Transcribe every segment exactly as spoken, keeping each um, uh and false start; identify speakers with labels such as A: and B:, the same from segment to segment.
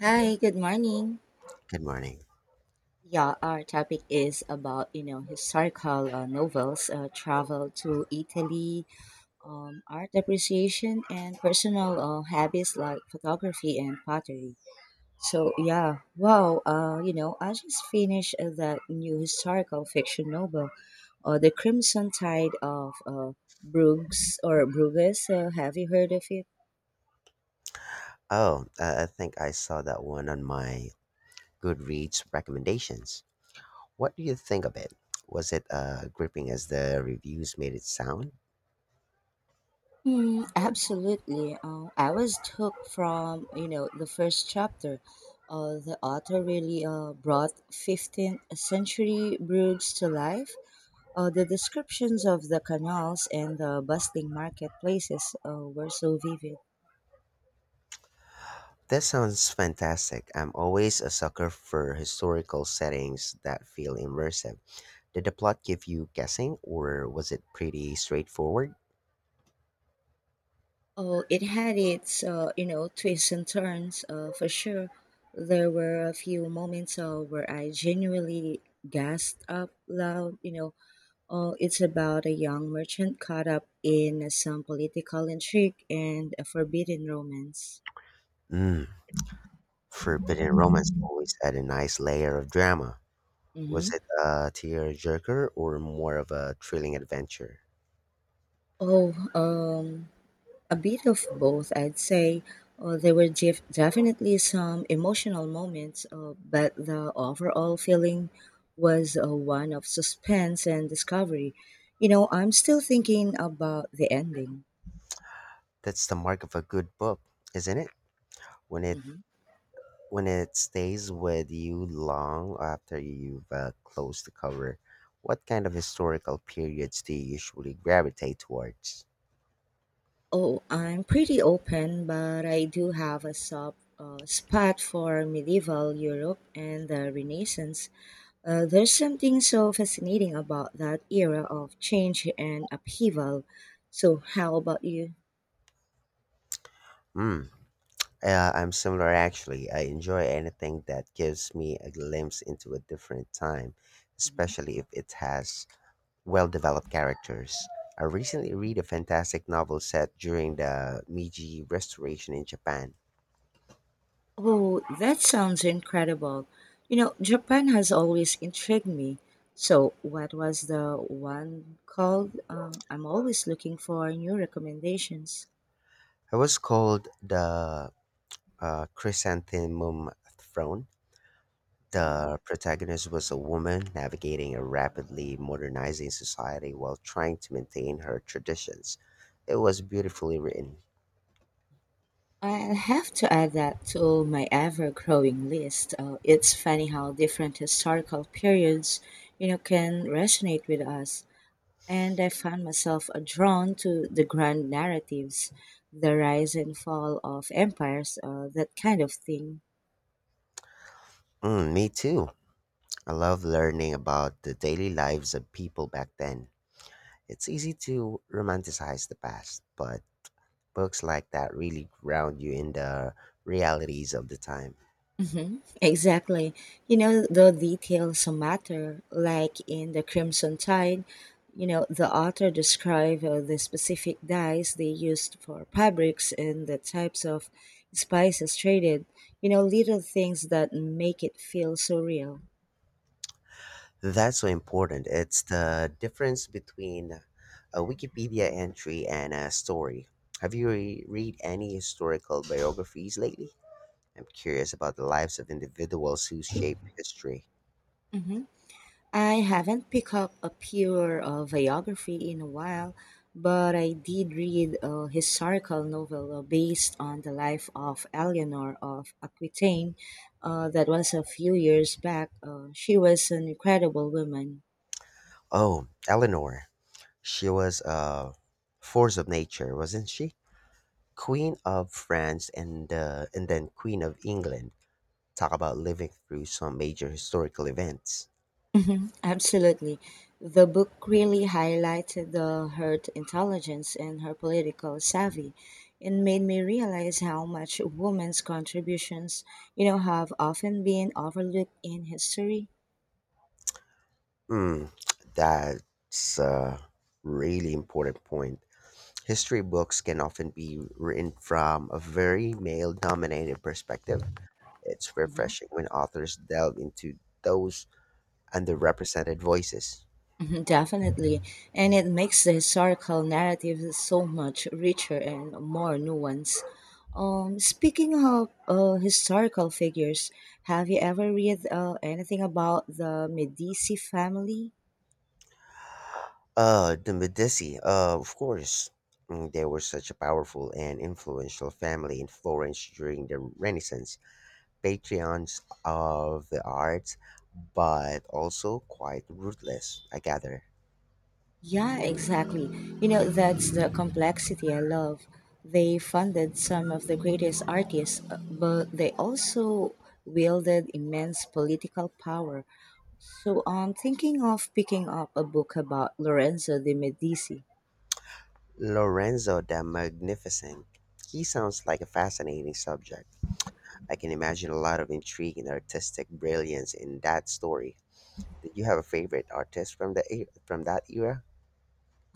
A: Hi, good morning.
B: Good morning.
A: Yeah, our topic is about, you know, historical uh, novels, uh, travel to Italy, um, art appreciation, and personal uh, habits like photography and pottery. So, yeah, wow, uh, you know, I just finished uh, that new historical fiction novel, uh, The Crimson Tide of uh, Bruges, or Bruges. Uh, have you heard of it?
B: Oh, uh, I think I saw that one on my Goodreads recommendations. What do you think of it? Was it uh, gripping as the reviews made it sound?
A: Mm, absolutely. Uh, I was hooked from you know the first chapter. Uh, the author really uh, brought fifteenth century brews to life. Uh, the descriptions of the canals and the bustling marketplaces uh, were so vivid.
B: That sounds fantastic. I'm always a sucker for historical settings that feel immersive. Did the plot give you guessing, or was it pretty straightforward?
A: Oh, it had its uh, you know twists and turns uh, for sure. There were a few moments uh, where I genuinely gasped up loud, you know, Oh, it's about a young merchant caught up in some political intrigue and a forbidden romance.
B: Hmm. Forbidden Romance always had a nice layer of drama.
A: Hmm.
B: Was it a tear jerker or more of a thrilling adventure?
A: Oh, um, a bit of both, I'd say. Uh, there were def- definitely some emotional moments, uh, but the overall feeling was uh, one of suspense and discovery. You know, I'm still thinking about the ending.
B: That's the mark of a good book, isn't it? When it
A: Mhm.
B: when it stays with you long after you've uh, closed the cover. What kind of historical periods do you usually gravitate towards?
A: Oh, I'm pretty open, but I do have a soft uh, spot for medieval Europe and the Renaissance. Uh, there's something so fascinating about that era of change and upheaval. So, how about you?
B: Hmm. Uh, I'm similar actually. I enjoy anything that gives me a glimpse into a different time,
A: Mhm.
B: especially if it has well developed characters. I recently read a fantastic novel set during the Meiji Restoration in Japan.
A: Oh, that sounds incredible. You know, Japan has always intrigued me. So, what was the one called? Uh, I'm always looking for new recommendations.
B: It was called the uh, Chrysanthemum Throne.
A: Mhm.
B: The protagonist was a woman navigating a rapidly modernizing society while trying to maintain her traditions. It was beautifully written.
A: I'll have to add that to my ever-growing list. Uh, it's funny how different historical periods, you know, can resonate with us. And I found myself uh, drawn to the grand narratives, the rise and fall of empires, uh, that kind of thing.
B: Mm, me too. I love learning about the daily lives of people back then. It's easy to romanticize the past, but books like that really ground you in the realities of the time.
A: Hmm. Exactly. You know, the details matter. Like in The Crimson Tide, you know, the author described uh, the specific dyes they used for fabrics and the types of spices traded. You know, little things that make it feel so real.
B: That's so important. It's the difference between a Wikipedia entry and a story. Have you re- read any historical biographies lately? I'm curious about the lives of individuals who shaped history.
A: Hmm. I haven't picked up a pure uh, biography in a while, but I did read a historical novel uh, based on the life of Eleanor of Aquitaine uh, that was a few years back. Uh, she was an incredible woman.
B: Oh, Eleanor. She was a force of nature, wasn't she? Queen of France and uh, and then Queen of England. Talk about living through some major historical events.
A: Mhm, absolutely. The book really highlighted the, her intelligence and her political savvy and made me realize how much women's contributions, you know, have often been overlooked in history.
B: Mm, that's a really important point. History books can often be written from a very male dominated perspective. It's
A: Mhm,
B: refreshing when authors delve into those underrepresented voices.
A: mhm, Definitely. And it makes the historical narrative so much richer and more nuanced. Um, speaking of uh, historical figures, have you ever read uh, anything about the Medici family?
B: Uh, The Medici, uh, of course. Mm, They were such a powerful and influential family in Florence during the Renaissance, patrons of the arts, but also quite ruthless, I gather.
A: Yeah, exactly. You know, that's the complexity I love. They funded some of the greatest artists, uh, but they also wielded immense political power. So I'm thinking of picking up a book about Lorenzo de' Medici.
B: Lorenzo the Magnificent. He sounds like a fascinating subject. I can imagine a lot of intrigue and artistic brilliance in that story. Did you have a favorite artist from the e- from that era?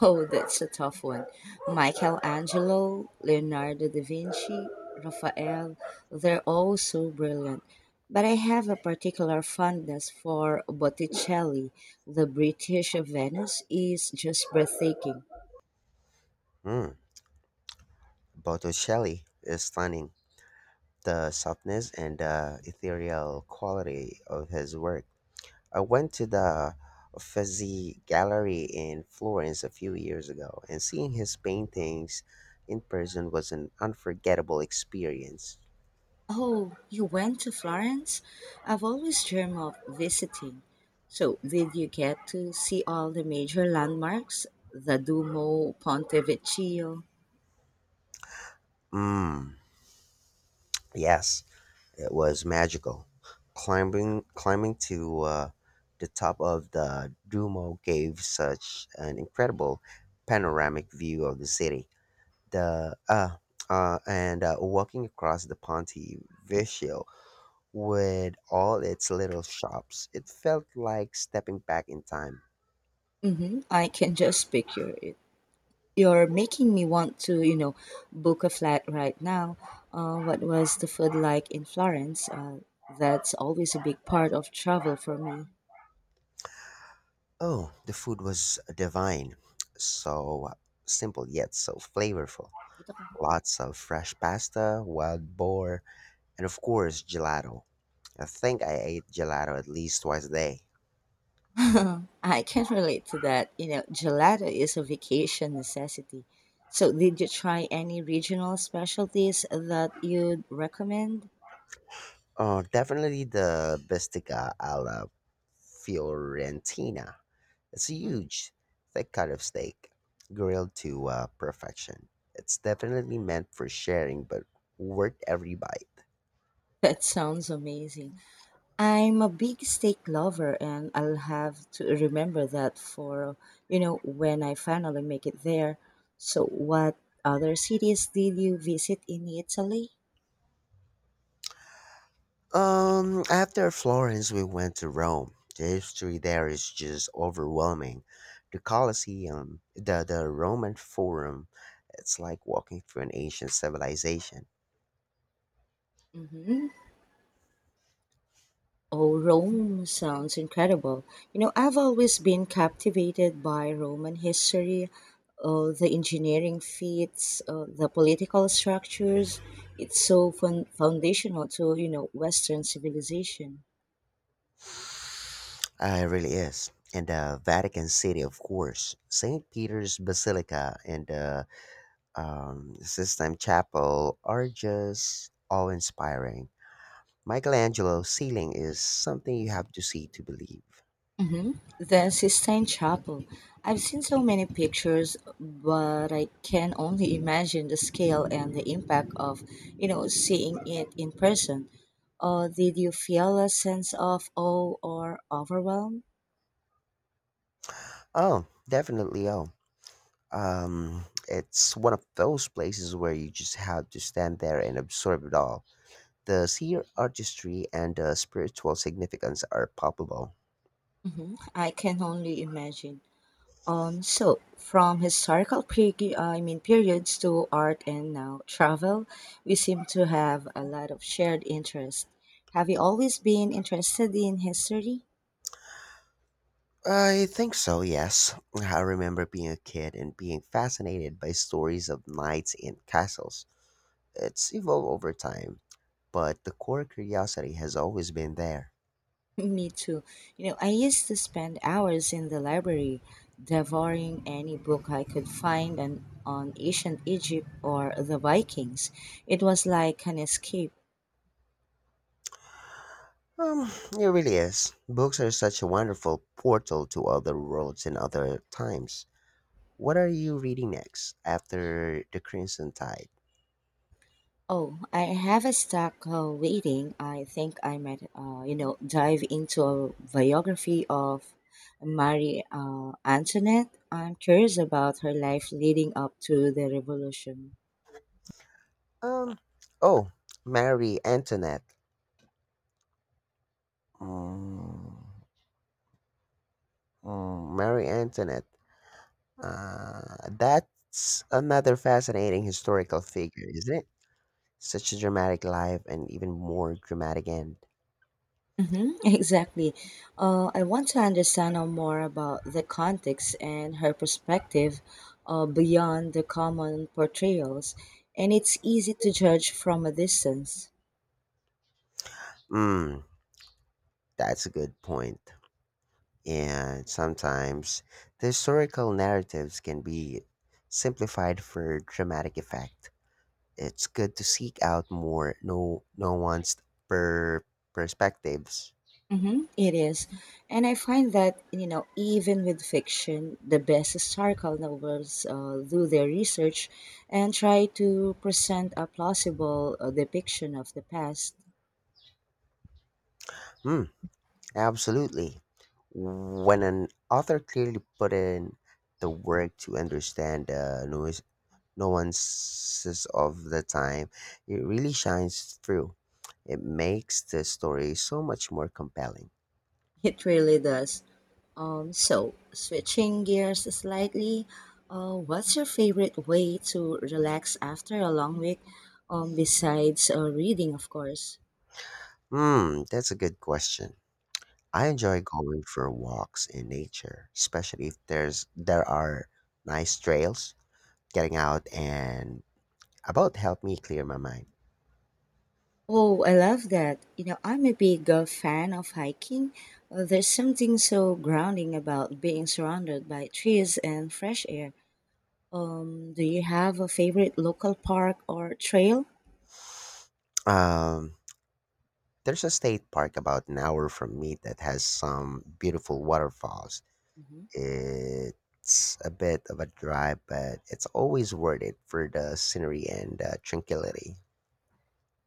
A: Oh, that's a tough one. Michelangelo, Leonardo da Vinci, Raphael, they're all so brilliant. But I have a particular fondness for Botticelli. The British Venice is just breathtaking.
B: Hmm. Botticelli is stunning, the softness and the ethereal quality of his work. I went to the Uffizi Gallery in Florence a few years ago, and seeing his paintings in person was an unforgettable experience.
A: Oh, you went to Florence? I've always dreamed of visiting. So, did you get to see all the major landmarks? The Duomo, Ponte Vecchio?
B: Mm, yes, it was magical. Climbing, climbing to uh, the top of the Duomo gave such an incredible panoramic view of the city. The uh, uh, and uh, walking across the Ponte Vecchio with all its little shops, it felt like stepping back in time.
A: Mm-hmm. I can just picture it. You're making me want to, you know, book a flat right now. Uh, what was the food like in Florence? Uh, that's always a big part of travel for me.
B: Oh, the food was divine, so simple yet so flavorful.
A: Ito ka.
B: Lots of fresh pasta, wild boar, and of course gelato. I think I ate gelato at least twice a day.
A: I can relate to that. You know, gelato is a vacation necessity. So, did you try any regional specialties that you'd recommend?
B: Oh, definitely the Bistica alla Fiorentina. It's a
A: Mhm.
B: huge, thick cut of steak, grilled to uh, perfection. It's definitely meant for sharing, but worth every bite.
A: That sounds amazing. I'm a big steak lover, and I'll have to remember that for, you know, when I finally make it there. So, what other cities did you visit in Italy?
B: Um, after Florence, we went to Rome. The history there is just overwhelming. The Colosseum, the, the Roman Forum, it's like walking through an ancient civilization.
A: Mhm. Oh, Rome sounds incredible. You know, I've always been captivated by Roman history, uh, the engineering feats, uh, the political structures. It's so fun- foundational to, you know, Western civilization.
B: Uh, it really is. And the Vatican City, of course, Saint Peter's Basilica, and uh, um, Sistine Chapel are just awe inspiring. Michelangelo's ceiling is something you have to see to believe.
A: Hmm. The Sistine Chapel. I've seen so many pictures, but I can only imagine the scale and the impact of, you know, seeing it in person. Uh, did you feel a sense of awe or overwhelm?
B: Oh, definitely. Oh, um, it's one of those places where you just have to stand there and absorb it all. The sheer artistry and the spiritual significance are palpable.
A: Mhm. I can only imagine. Um, so from historical peri- uh, I mean periods to art and now travel, we seem to have a lot of shared interest. Have you always been interested in history?
B: I think so, yes. I remember being a kid and being fascinated by stories of knights and castles. It's evolved over time, but the core curiosity has always been there.
A: Me too. You know, I used to spend hours in the library devouring any book I could find and on ancient Egypt or the Vikings. It was like an escape.
B: Um, it really is. Books are such a wonderful portal to other worlds and other times. What are you reading next after The Crimson Tide?
A: Oh, I have a stack uh, waiting. I think I might, uh, you know, dive into a biography of Marie uh, Antoinette. I'm curious about her life leading up to the revolution.
B: Um, oh, Mary Antoinette. Mm, mm, Mary Antoinette. Uh, that's another fascinating historical figure, isn't it? Such a dramatic life and even more dramatic end.
A: Hmm. Exactly. Uh, I want to understand uh, more about the context and her perspective uh, beyond the common portrayals, and it's easy to judge from a distance.
B: Mm, that's a good point. And sometimes the historical narratives can be simplified for dramatic effect. It's good to seek out more no nuanced per perspectives.
A: Mm-hmm, it is. And I find that, you know, even with fiction, the best historical novels uh, do their research and try to present a plausible uh, depiction of the past.
B: Hmm. Absolutely. When an author clearly put in the work to understand the nuis- nuances of the time, it really shines through. It makes the story so much more compelling.
A: It really does. Um, so, switching gears slightly, uh, what's your favorite way to relax after a long week? Um, besides uh, reading, of course.
B: Hmm, that's a good question. I enjoy going for walks in nature, especially if there's there are nice trails. Getting out and about help me clear my mind.
A: Oh, I love that. You know, I'm a big uh, fan of hiking. Uh, there's something so grounding about being surrounded by trees and fresh air. Um, do you have a favorite local park or trail?
B: Um, There's a state park about an hour from me that has some beautiful waterfalls.
A: Mhm.
B: It's a bit of a drive, but it's always worth it for the scenery and uh, tranquility.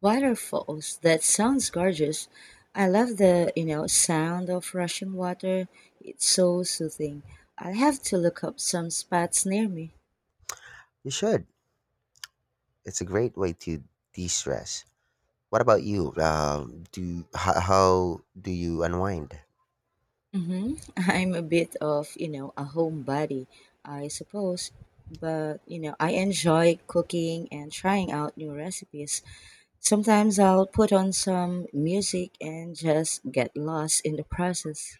A: Waterfalls. That sounds gorgeous. I love the, you know, sound of rushing water. It's so soothing. I'll have to look up some spots near me.
B: You should. It's a great way to de-stress. What about you? Um, do how, how do you unwind?
A: Hmm. I'm a bit of, you know, a homebody, I suppose, but, you know, I enjoy cooking and trying out new recipes. Sometimes I'll put on some music and just get lost in the process.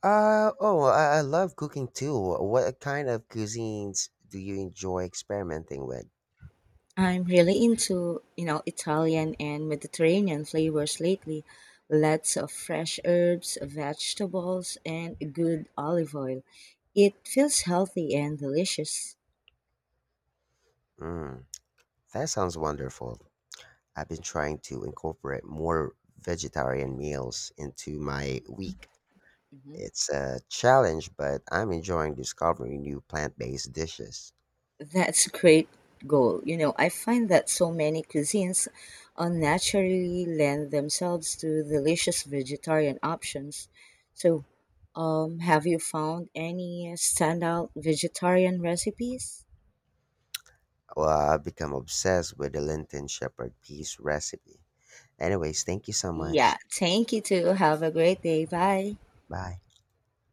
B: Uh oh, I, I love cooking too. What kind of cuisines do you enjoy experimenting with?
A: I'm really into, you know, Italian and Mediterranean flavors lately. Lots of fresh herbs, vegetables, and good olive oil. It feels healthy and delicious.
B: Mm, that sounds wonderful. I've been trying to incorporate more vegetarian meals into my week.
A: Mhm.
B: It's a challenge, but I'm enjoying discovering new plant-based dishes.
A: That's a great goal. You know, I find that so many cuisines unnaturally lend themselves to delicious vegetarian options. So, um, have you found any standout vegetarian recipes?
B: Well, I've become obsessed with the Linton Shepherd peas recipe. Anyways, thank you so
A: Yeah,
B: much.
A: thank you too. Have a great day. Bye.
B: Bye.